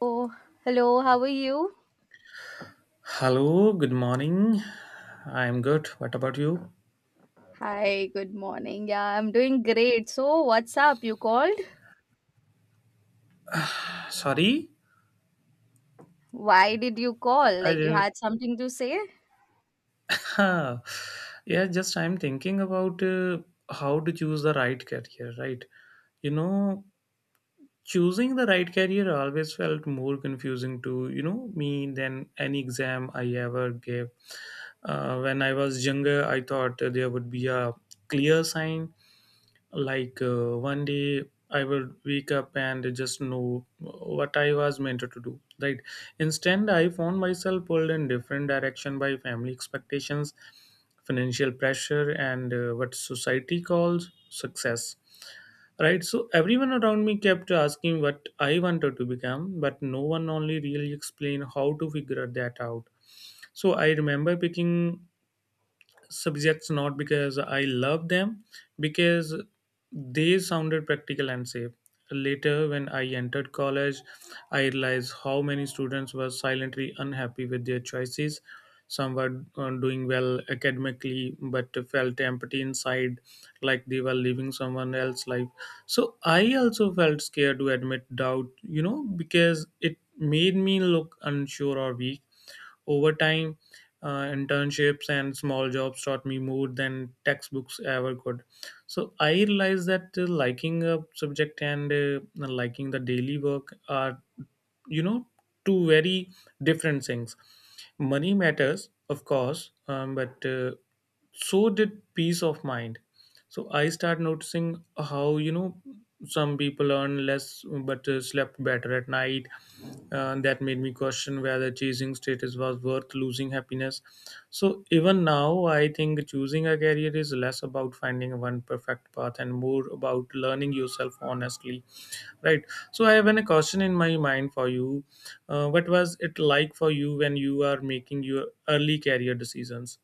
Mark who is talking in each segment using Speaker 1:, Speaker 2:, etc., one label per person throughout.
Speaker 1: Oh, hello, how are you?
Speaker 2: Hello, good morning. I'm good. What about you?
Speaker 1: Hi, good morning. Yeah, I'm doing great. So, what's up? You called?
Speaker 2: Sorry,
Speaker 1: Why did you call?
Speaker 2: I
Speaker 1: Like, you
Speaker 2: didn't.
Speaker 1: had something to say?
Speaker 2: Huh. Yeah, just I'm thinking about how to choose the right career, right? You know, choosing the right career always felt more confusing to me than any exam I ever gave. When I was younger, I thought there would be a clear sign. Like, one day I would wake up and just know what I was meant to do. Right. Instead, I found myself pulled in different direction by family expectations, financial pressure, and what society calls success. Right. So everyone around me kept asking what I wanted to become, but no one only really explained how to figure that out. So I remember picking subjects not because I love them, because they sounded practical and safe. Later, when I entered college, I realized how many students were silently unhappy with their choices. Some were doing well academically, but felt empty inside, like they were living someone else's life. So I also felt scared to admit doubt, because it made me look unsure or weak. Over time, internships and small jobs taught me more than textbooks ever could. So I realized that liking a subject and liking the daily work are you know two very different things. Money matters, of course, but so did peace of mind. So I start noticing how some people earn less but slept better at night. That made me question whether chasing status was worth losing happiness. So even now I think choosing a career is less about finding one perfect path and more about learning yourself honestly. Right. So I have a question in my mind for you. What was it like for you when you are making your early career decisions?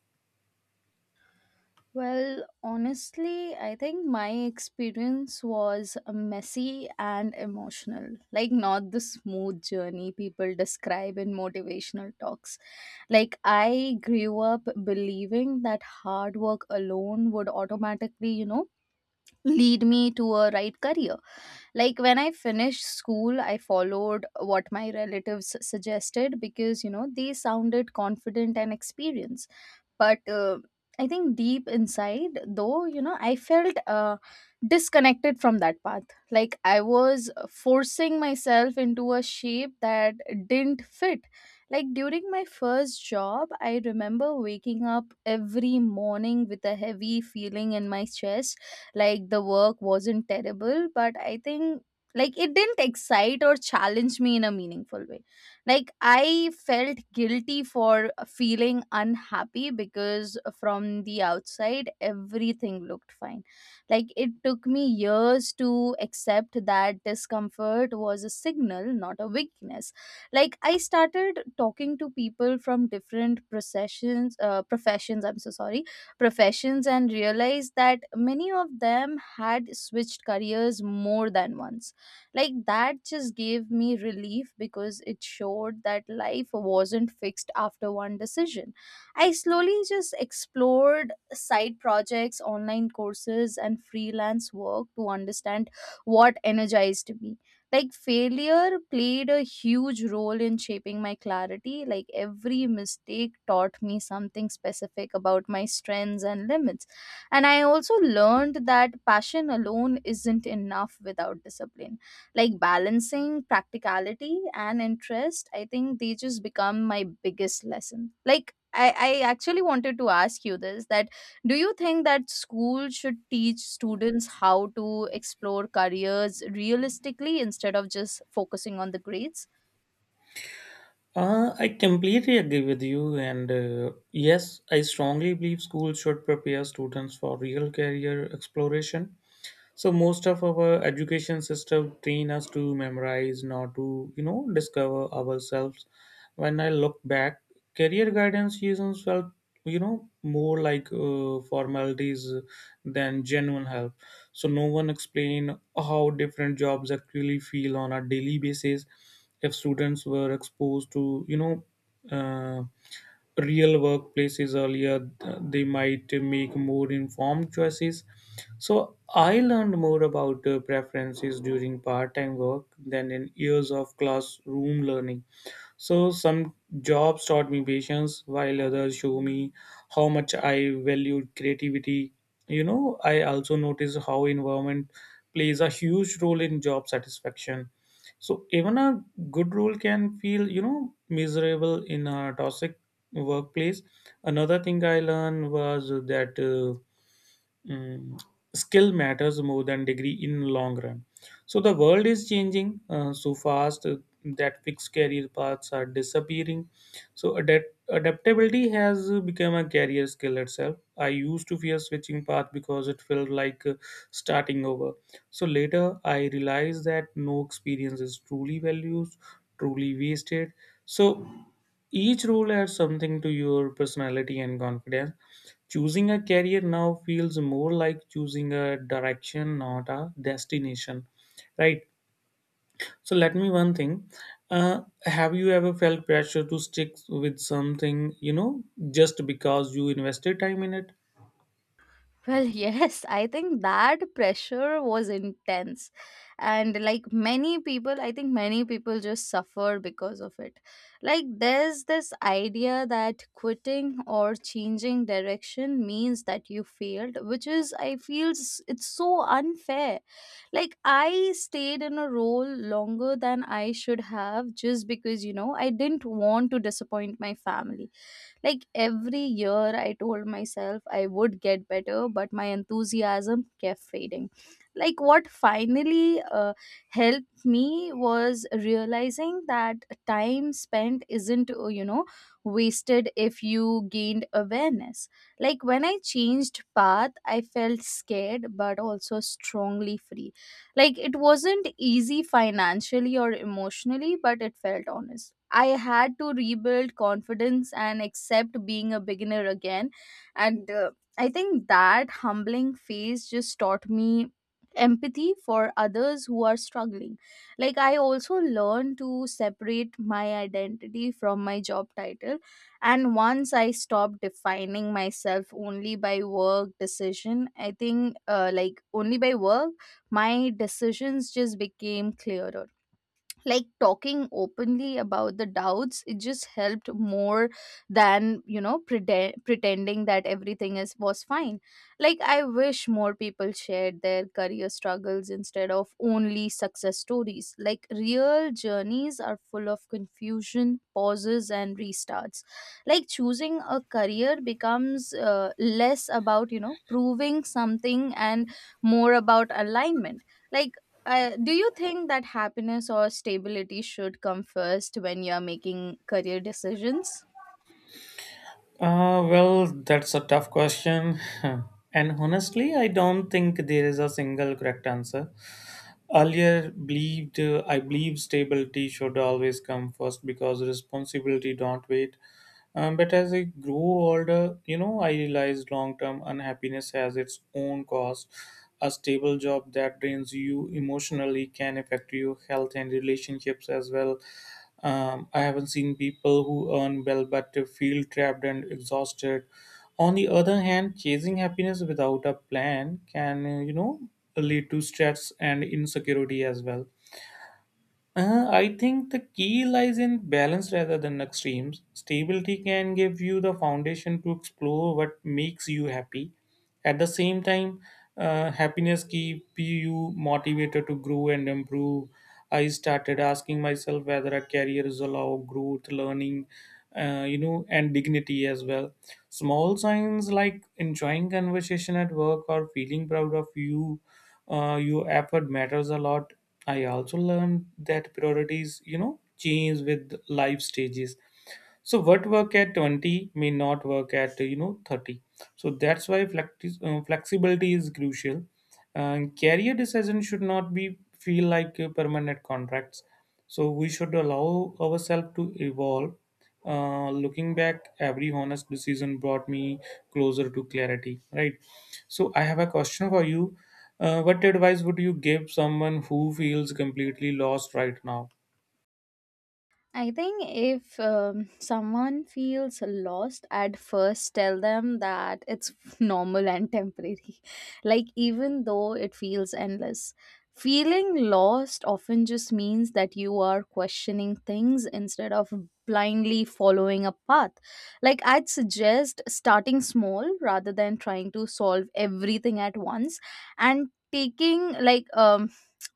Speaker 1: Well, honestly, I think my experience was messy and emotional. Like, not the smooth journey people describe in motivational talks. Like, I grew up believing that hard work alone would automatically, you know, lead me to a right career. Like when I finished school, I followed what my relatives suggested because, you know, they sounded confident and experienced, but I think deep inside though, you know, I felt disconnected from that path. Like I was forcing myself into a shape that didn't fit. Like during my first job, I remember waking up every morning with a heavy feeling in my chest. Like the work wasn't terrible, but I think like it didn't excite or challenge me in a meaningful way. Like I felt guilty for feeling unhappy because from the outside everything looked fine. Like it took me years to accept that discomfort was a signal, not a weakness. Like I started talking to people from different processions, professions, I'm so sorry, professions, and realized that many of them had switched careers more than once. Like that just gave me relief because it showed that life wasn't fixed after one decision. I slowly just explored side projects, online courses, and freelance work to understand what energized me. Like failure played a huge role in shaping my clarity. Like every mistake taught me something specific about my strengths and limits. And I also learned that passion alone isn't enough without discipline. Like balancing practicality and interest, I think they just become my biggest lesson. Like I actually wanted to ask you this: that do you think that school should teach students how to explore careers realistically instead of just focusing on the grades?
Speaker 2: I completely agree with you, and yes, I strongly believe schools should prepare students for real career exploration. So most of our education system train us to memorize, not to discover ourselves. When I look back, career guidance seasons felt more like formalities than genuine help. So no one explained how different jobs actually feel on a daily basis. If students were exposed to uh, real workplaces earlier, they might make more informed choices. So I learned more about preferences during part-time work than in years of classroom learning. So some jobs taught me patience, while others show me how much I valued creativity. You know, I also notice how environment plays a huge role in job satisfaction. So even a good role can feel, miserable in a toxic workplace. Another thing I learned was that. Mm, skill matters more than degree in long run. So the world is changing so fast, that fixed career paths are disappearing. So adaptability has become a career skill itself. I used to fear switching path because it felt like starting over. So later I realized that no experience is truly wasted. So each role adds something to your personality and confidence. Choosing a career now feels more like choosing a direction, not a destination, right? So let me one thing. Have you ever felt pressure to stick with something, just because you invested time in it?
Speaker 1: Well, yes, I think that pressure was intense. And like many people, I think many people just suffer because of it. Like, there's this idea that quitting or changing direction means that you failed, which is, I feel, it's so unfair. Like, I stayed in a role longer than I should have just because, you know, I didn't want to disappoint my family. Like every year, I told myself I would get better, but my enthusiasm kept fading. Like what finally helped me was realizing that time spent isn't, you know, wasted if you gained awareness. Like when I changed path, I felt scared but also strongly free. Like it wasn't easy financially or emotionally, but it felt honest. I had to rebuild confidence and accept being a beginner again. And I think that humbling phase just taught me empathy for others who are struggling. Like I also learned to separate my identity from my job title. And once I stopped defining myself only by work decision, I think like only by work, my decisions just became clearer. Like talking openly about the doubts, it just helped more than, you know, pretending that everything is was fine. Like I wish more people shared their career struggles instead of only success stories. Like real journeys are full of confusion, pauses, and restarts. Like choosing a career becomes, less about, you know, proving something, and more about alignment. Like do you think that happiness or stability should come first when you're making career decisions?
Speaker 2: Well, that's a tough question. And honestly, I don't think there is a single correct answer. Earlier believed I believe stability should always come first because responsibility don't wait. But as I grew older, I realized long-term unhappiness has its own cost. A stable job that drains you emotionally can affect your health and relationships as well. I haven't seen people who earn well but feel trapped and exhausted. On the other hand, chasing happiness without a plan can, lead to stress and insecurity as well. I think the key lies in balance rather than extremes. Stability can give you the foundation to explore what makes you happy. At the same time, happiness keeps you motivated to grow and improve. I started asking myself whether a career is allow growth, learning, and dignity as well. Small signs like enjoying conversation at work or feeling proud of your effort matters a lot. I also learned that priorities change with life stages. So what work at 20 may not work at 30. So that's why flexibility is crucial. And career decision should not be feel like permanent contracts. So we should allow ourselves to evolve. Looking back, every honest decision brought me closer to clarity. Right. So I have a question for you. What advice would you give someone who feels completely lost right now?
Speaker 1: I think if someone feels lost at first, tell them that it's normal and temporary. Like, even though it feels endless, feeling lost often just means that you are questioning things instead of blindly following a path. Like, I'd suggest starting small rather than trying to solve everything at once, and taking, like,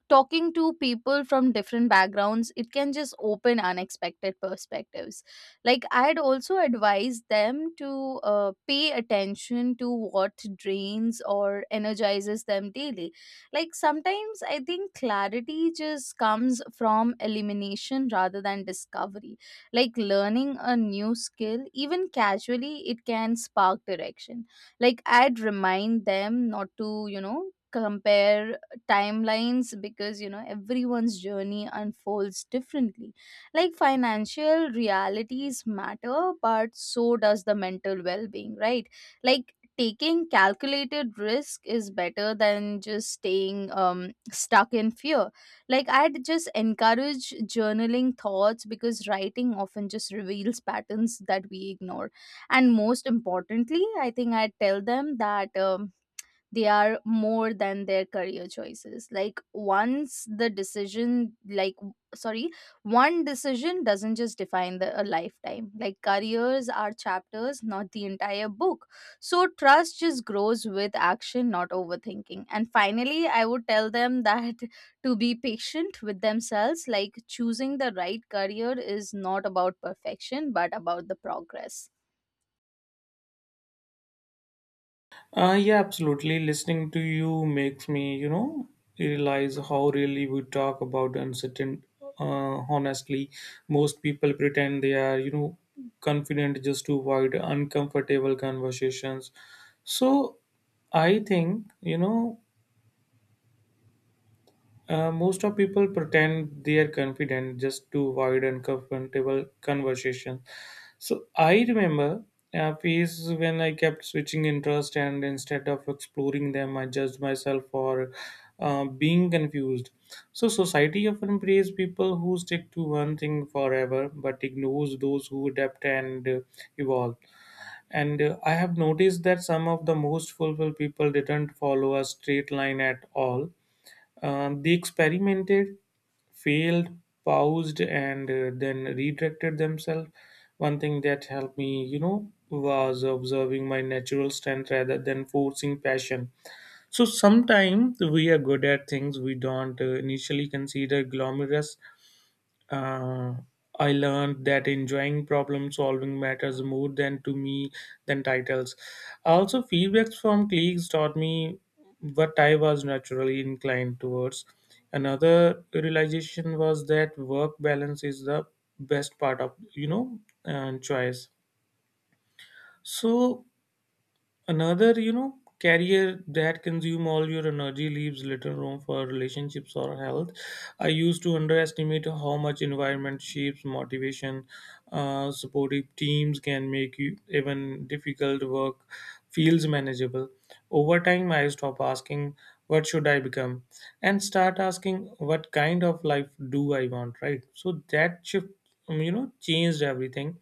Speaker 1: talking to people from different backgrounds, it can just open unexpected perspectives. Like I'd also advise them to pay attention to what drains or energizes them daily. Like sometimes I think clarity just comes from elimination rather than discovery. Like learning a new skill, even casually, it can spark direction. Like I'd remind them not to, you know, compare timelines because, you know, everyone's journey unfolds differently. Like financial realities matter, but so does the mental well-being, right? Like taking calculated risk is better than just staying stuck in fear. Like I'd just encourage journaling thoughts because writing often just reveals patterns that we ignore. And most importantly, I think I would tell them that they are more than their career choices. Like once the decision, like w- sorry one decision doesn't just define a lifetime. Like careers are chapters, not the entire book. So trust just grows with action, not overthinking. And finally I would tell them that to be patient with themselves. Like choosing the right career is not about perfection but about the progress.
Speaker 2: Yeah, absolutely. Listening to you makes me, realize how really we talk about uncertain. Honestly, most people pretend they are, confident just to avoid uncomfortable conversations. So, I think, most of people pretend they are confident just to avoid uncomfortable conversation. So I remember a phase when I kept switching interest, and instead of exploring them, I judged myself for being confused. So society often praises people who stick to one thing forever, but ignores those who adapt and evolve. And I have noticed that some of the most fulfilled people didn't follow a straight line at all. They experimented, failed, paused, and then redirected themselves. One thing that helped me, was observing my natural strength rather than forcing passion. So sometimes we are good at things we don't initially consider glamorous uh, I learned that enjoying problem solving matters more than to me than titles. Also, feedbacks from colleagues taught me what I was naturally inclined towards. Another realization was that work balance is the best part of choice. So another, career that consume all your energy leaves little room for relationships or health. I used to underestimate how much environment shapes motivation. Supportive teams can make you even difficult work feels manageable. Over time, I stop asking what should I become and start asking what kind of life do I want, right? So that shift, changed everything.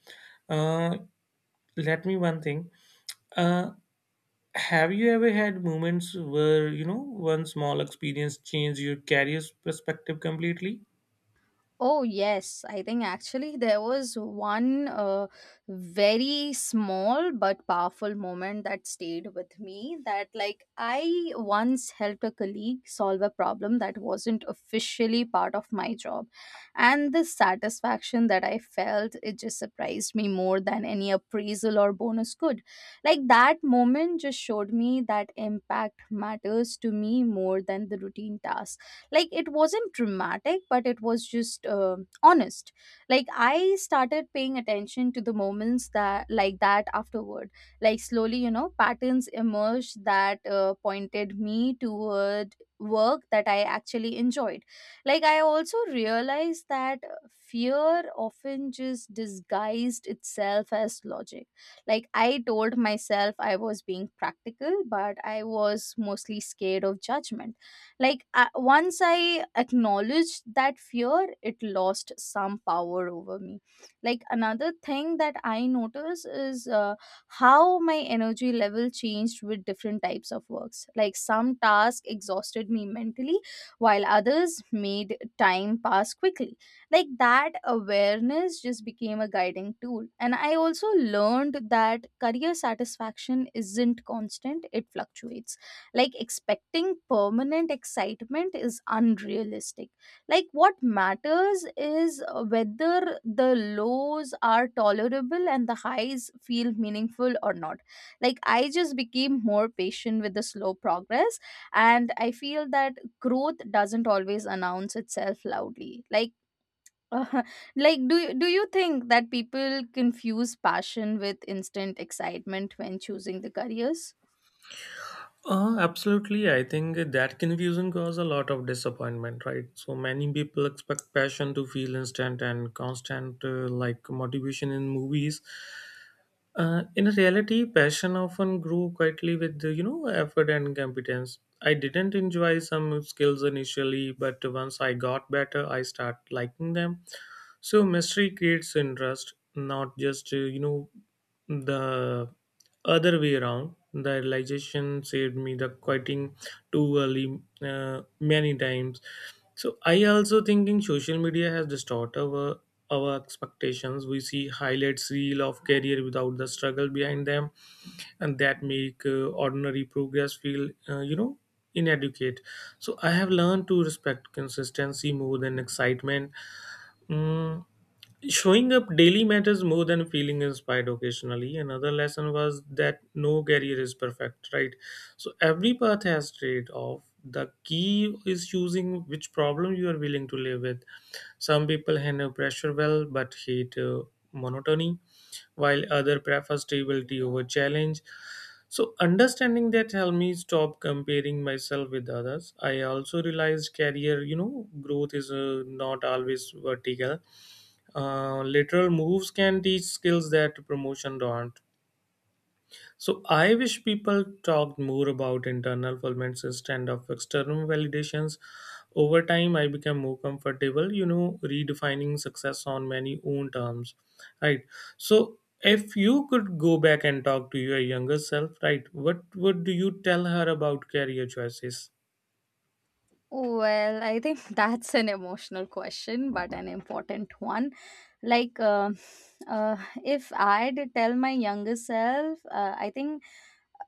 Speaker 2: Uh, let me one thing. Uh, have you ever had moments where, one small experience changed your career's perspective completely?
Speaker 1: Oh, yes. I think actually there was one very small but powerful moment that stayed with me. That, like, I once helped a colleague solve a problem that wasn't officially part of my job. And the satisfaction that I felt, it just surprised me more than any appraisal or bonus could. Like, that moment just showed me that impact matters to me more than the routine task. Like it wasn't dramatic, but it was just honest. Like I started paying attention to the moments that, like, that afterward. Like slowly, you know, patterns emerged that pointed me toward work that I actually enjoyed. Like I also realized that fear often just disguised itself as logic. Like I told myself I was being practical, but I was mostly scared of judgment. Like once I acknowledged that fear, it lost some power over me. Like another thing that I notice is, how my energy level changed with different types of works. Like some tasks exhausted me mentally, while others made time pass quickly. Like that awareness just became a guiding tool. And I also learned that career satisfaction isn't constant, it fluctuates. Like expecting permanent excitement is unrealistic. Like what matters is, whether the lows are tolerable and the highs feel meaningful or not. Like I just became more patient with the slow progress. And I feel that growth doesn't always announce itself loudly. Like like do you think that people confuse passion with instant excitement when choosing the careers?
Speaker 2: Absolutely. I think that confusion caused a lot of disappointment, right? So many people expect passion to feel instant and constant, like motivation in movies. In reality, passion often grew quietly with the, effort and competence. I didn't enjoy some skills initially, but once I got better, I start liking them. So mystery creates interest, not just the other way around. The realization saved me the quitting too early, many times. So I also thinking social media has distorted our expectations. We see highlights reel of career without the struggle behind them, and that make ordinary progress feel inadequate. So I have learned to respect consistency more than excitement. Mm, Showing up daily matters more than feeling inspired occasionally. Another lesson was that no career is perfect, right? So every path has trade off. The key is choosing which problem you are willing to live with. Some people handle pressure well but hate monotony, while other prefer stability over challenge. So understanding that helped me stop comparing myself with others. I also realized career, growth is not always vertical. Lateral moves can teach skills that promotion don't. So I wish people talked more about internal fulfillment instead of external validations. Over time, I became more comfortable, redefining success on many own terms, right? So if you could go back and talk to your younger self, right, what would you tell her about career choices?
Speaker 1: Well, I think that's an emotional question, but an important one. Like, uh, uh, if I'd tell my younger self, I think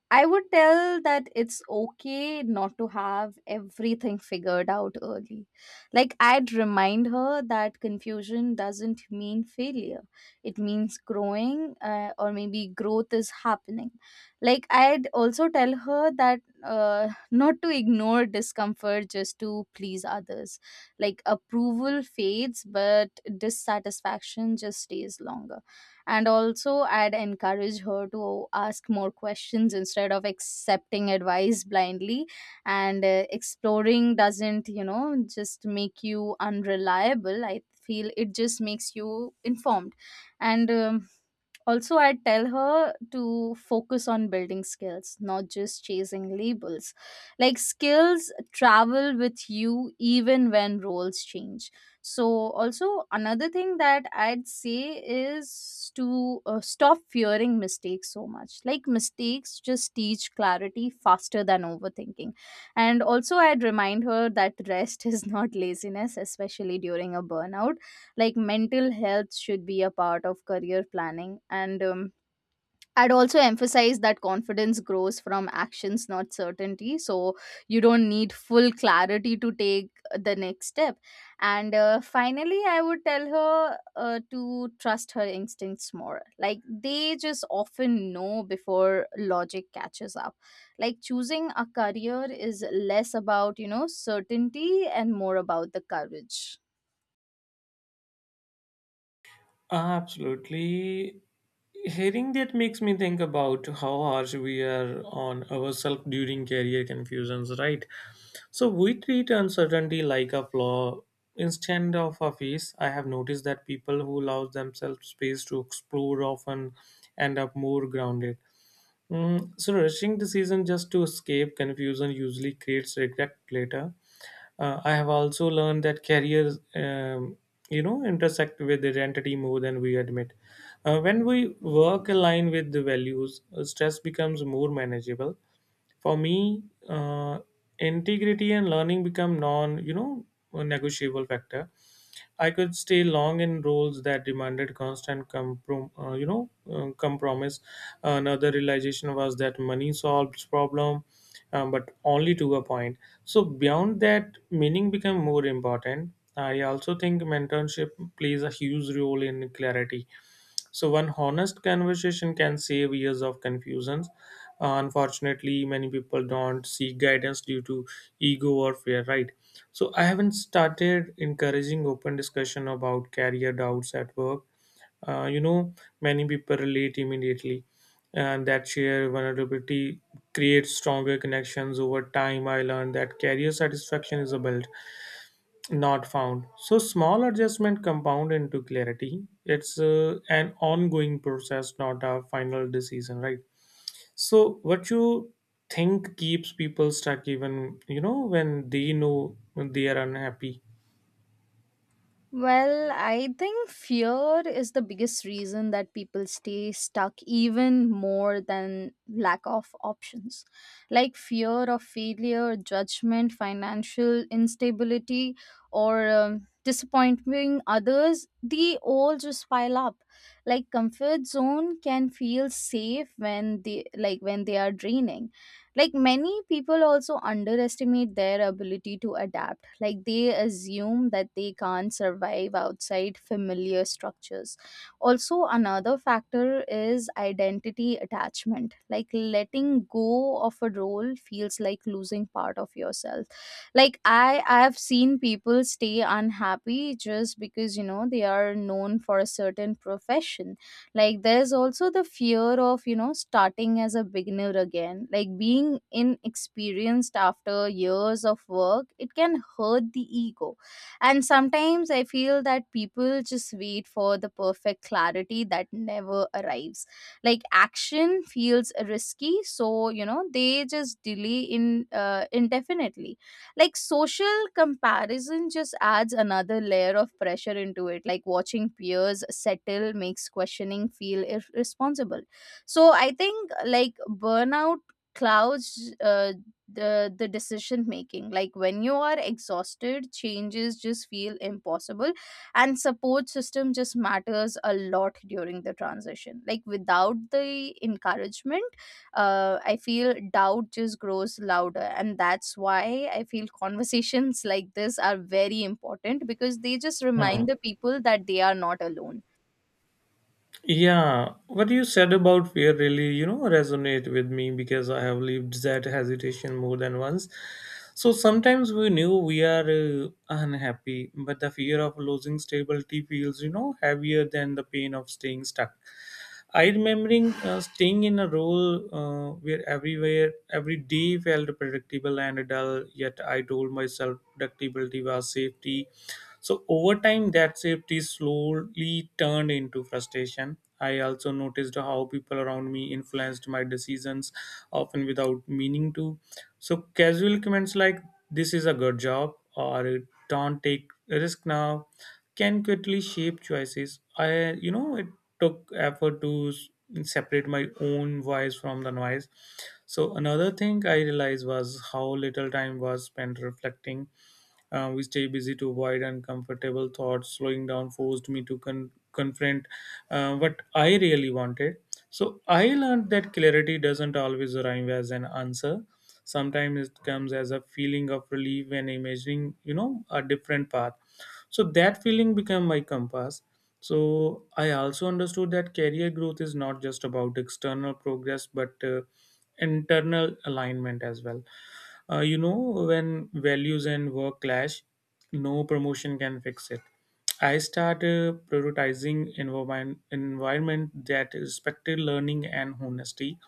Speaker 1: I would tell that it's okay not to have everything figured out early. Like, I'd remind her that confusion doesn't mean failure, it means growing, or maybe growth is happening. Like, I'd also tell her that not to ignore discomfort just to please others. Like, approval fades, but dissatisfaction just stays longer. And also I'd encourage her to ask more questions instead of accepting advice blindly. And exploring doesn't, you know, just make you unreliable, I feel it just makes you informed. And also, I tell her to focus on building skills, not just chasing labels. Like, skills travel with you even when roles change. So, also, another thing that I'd say is to stop fearing mistakes so much. Like, mistakes just teach clarity faster than overthinking. And also, I'd remind her that rest is not laziness, especially during a burnout. Like mental health should be a part of career planning. And I'd also emphasize that confidence grows from actions, not certainty. So you don't need full clarity to take the next step. And finally I would tell her to trust her instincts more. Like they just often know before logic catches up. Like choosing a career is less about, you know, certainty and more about the courage.
Speaker 2: Absolutely. Hearing that makes me think about how harsh we are on ourselves during career confusions, right? So we treat uncertainty like a flaw instead of a phase. I have noticed that people who allow themselves space to explore often end up more grounded. So rushing the season just to escape confusion usually creates regret later. I have also learned that careers, intersect with identity more than we admit. When we work align with the values, stress becomes more manageable. For me, integrity and learning become non, negotiable factor. I could stay long in roles that demanded constant compromise. Another realization was that money solves problem, but only to a point. So beyond that, meaning become more important. I also think mentorship plays a huge role in clarity, so one honest conversation can save years of confusions. Unfortunately, many people don't seek guidance due to ego or fear, right? So I haven't started encouraging open discussion about career doubts at work. Uh, you know, Many people relate immediately, and that shared vulnerability creates stronger connections over time. I learned that career satisfaction is a build, not found. So small adjustment compound into clarity. It's an ongoing process, not a final decision, right? So what you think keeps people stuck even, when they know they are unhappy?
Speaker 1: Well, I think fear is the biggest reason that people stay stuck, even more than lack of options. Like fear of failure, judgment, financial instability, or disappointing others, they all just pile up. Like comfort zone can feel safe when they, like when they are draining. Like many people also underestimate their ability to adapt, like they assume that they can't survive outside familiar structures. Also another factor is identity attachment, like letting go of a role feels like losing part of yourself. Like I have seen people stay unhappy just because they are known for a certain profession. Like there's also the fear of starting as a beginner again, like being inexperienced after years of work it can hurt the ego. And sometimes I feel that people just wait for the perfect clarity that never arrives. Like action feels risky, so they just delay in indefinitely. Like social comparison just adds another layer of pressure into it, like watching peers settle makes questioning feel irresponsible. So I think like burnout clouds the decision making, like when you are exhausted changes just feel impossible. And support system just matters a lot during the transition, like without the encouragement I feel doubt just grows louder. And that's why I feel conversations like this are very important because they just remind
Speaker 2: Hmm.
Speaker 1: the people that they are not alone.
Speaker 2: Yeah, what you said about fear really, resonate with me because I have lived that hesitation more than once. So sometimes we knew we are unhappy, but the fear of losing stability feels, heavier than the pain of staying stuck. I remembering staying in a role where everywhere every day felt predictable and dull. Yet I told myself predictability was safety, so over time, that safety slowly turned into frustration. I also noticed how people around me influenced my decisions, often without meaning to. So casual comments like "This is a good job" or "Don't take risk now" can quickly shape choices. It took effort to separate my own voice from the noise. So another thing I realized was how little time was spent reflecting. We stay busy to avoid uncomfortable thoughts. Slowing down forced me to confront what I really wanted. So I learned that clarity doesn't always arrive as an answer. Sometimes it comes as a feeling of relief when imagining, a different path. So that feeling became my compass. So I also understood that career growth is not just about external progress, but internal alignment as well. Uh, you know, when values and work clash, no promotion can fix it. I started prioritizing environment, environment that respected learning and honesty.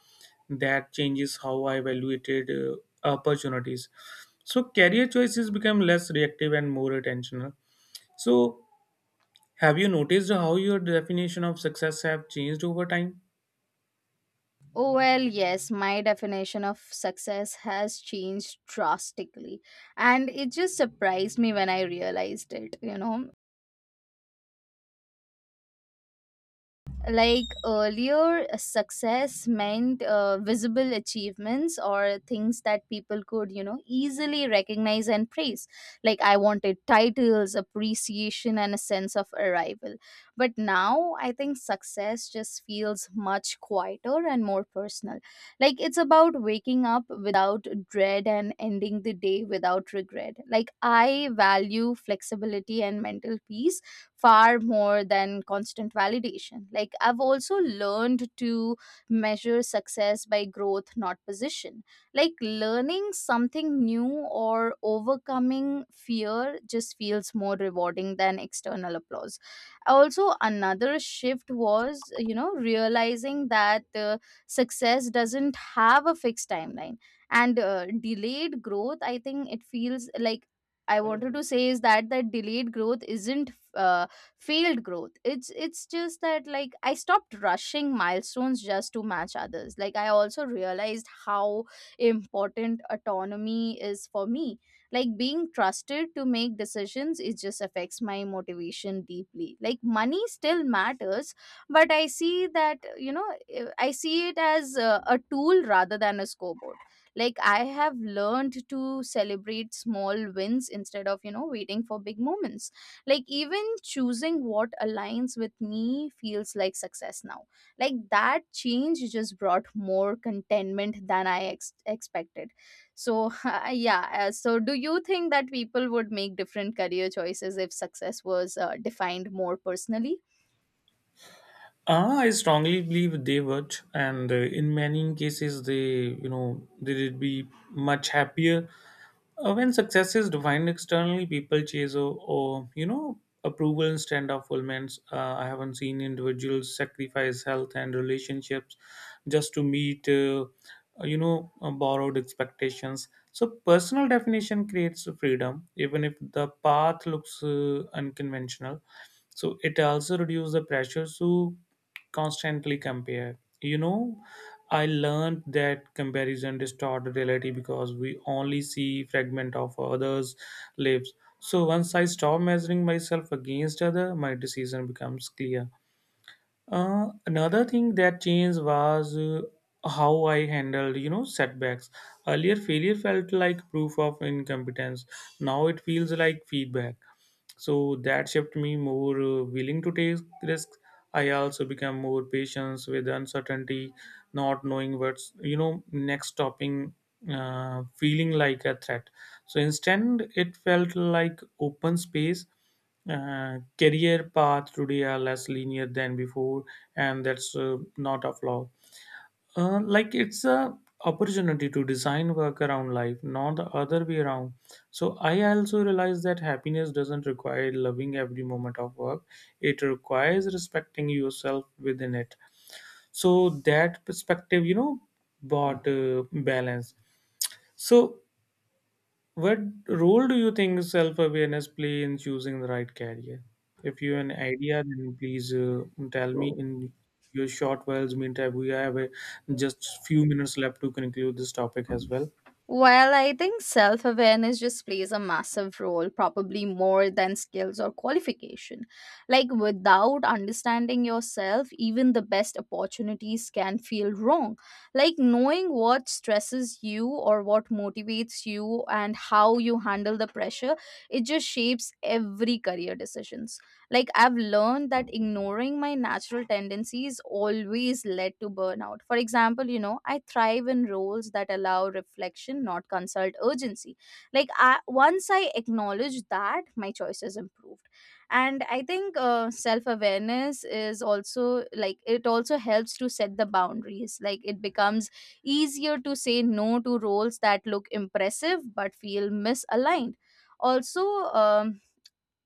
Speaker 2: That changes how I evaluated opportunities. So career choices become less reactive and more attentional. So have you noticed how your definition of success have changed over time?
Speaker 1: Oh, well, yes, my definition of success has changed drastically. And it just surprised me when I realized it, you know. Like earlier success meant visible achievements or things that people could, easily recognize and praise. Like I wanted titles, appreciation and a sense of arrival, but now I think success just feels much quieter and more personal. Like it's about waking up without dread and ending the day without regret. Like I value flexibility and mental peace far more than constant validation. Like, I've also learned to measure success by growth, not position. Like, learning something new or overcoming fear just feels more rewarding than external applause. Also, another shift was, you know, realizing that success doesn't have a fixed timeline and delayed growth, I think it feels like I wanted to say is that delayed growth isn't failed growth. It's just that like I stopped rushing milestones just to match others. Like I also realized how important autonomy is for me, like being trusted to make decisions, it just affects my motivation deeply. Like money still matters, but I see that, I see it as a tool rather than a scoreboard. Like I have learned to celebrate small wins instead of, waiting for big moments. Like even choosing what aligns with me feels like success now. Like that change just brought more contentment than I expected. So yeah, so do you think that people would make different career choices if success was defined more personally?
Speaker 2: Ah, I strongly believe they would, and in many cases, they would be much happier when success is defined externally. People chase or approval instead of fulfillments. I haven't seen individuals sacrifice health and relationships just to meet, borrowed expectations. So personal definition creates freedom, even if the path looks unconventional. So it also reduces the pressure to constantly compare. You know, I learned that comparison distorts reality because we only see fragment of others lives. So once I stop measuring myself against other, my decision becomes clear. Another thing that changed was how I handled, setbacks. Earlier, failure felt like proof of incompetence. Now it feels like feedback, so that shaped me more willing to take risks. I also became more patient with uncertainty, not knowing what's next stopping feeling like a threat. So instead it felt like open space. Career path today are less linear than before, and that's not a flaw. Uh, like it's a opportunity to design work around life, not the other way around. So I also realize that happiness doesn't require loving every moment of work. It requires respecting yourself within it. So that perspective, brought balance. So what role do you think self awareness play in choosing the right career? If you have an idea, then please tell me in your short words. Meantime, we have just few minutes left to conclude this topic as well.
Speaker 1: While I think self awareness just plays a massive role, probably more than skills or qualification. Like, without understanding yourself, even the best opportunities can feel wrong. Like, knowing what stresses you or what motivates you and how you handle the pressure, it just shapes every career decision. Like I've learned that ignoring my natural tendencies always led to burnout. For example, you know, I thrive in roles that allow reflection, not consult urgency. Like I, once I acknowledge that, my choices improved. And I think self awareness is also like it also helps to set the boundaries. Like it becomes easier to say no to roles that look impressive but feel misaligned. Also um,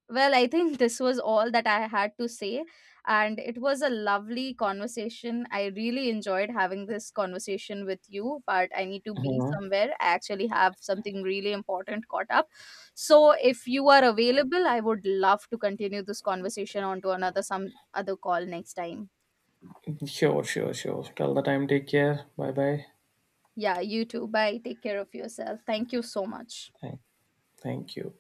Speaker 1: well, I think this was all that I had to say. And it was a lovely conversation. I really enjoyed having this conversation with you, but I need to be
Speaker 2: Uh-huh.
Speaker 1: somewhere. I actually have something really important caught up. So if you are available, I would love to continue this conversation onto another some other call next time.
Speaker 2: Sure, sure, sure. Till the time, take care. Bye bye.
Speaker 1: Yeah, you too. Bye. Take care of yourself. Thank you so much.
Speaker 2: Thank, thank you.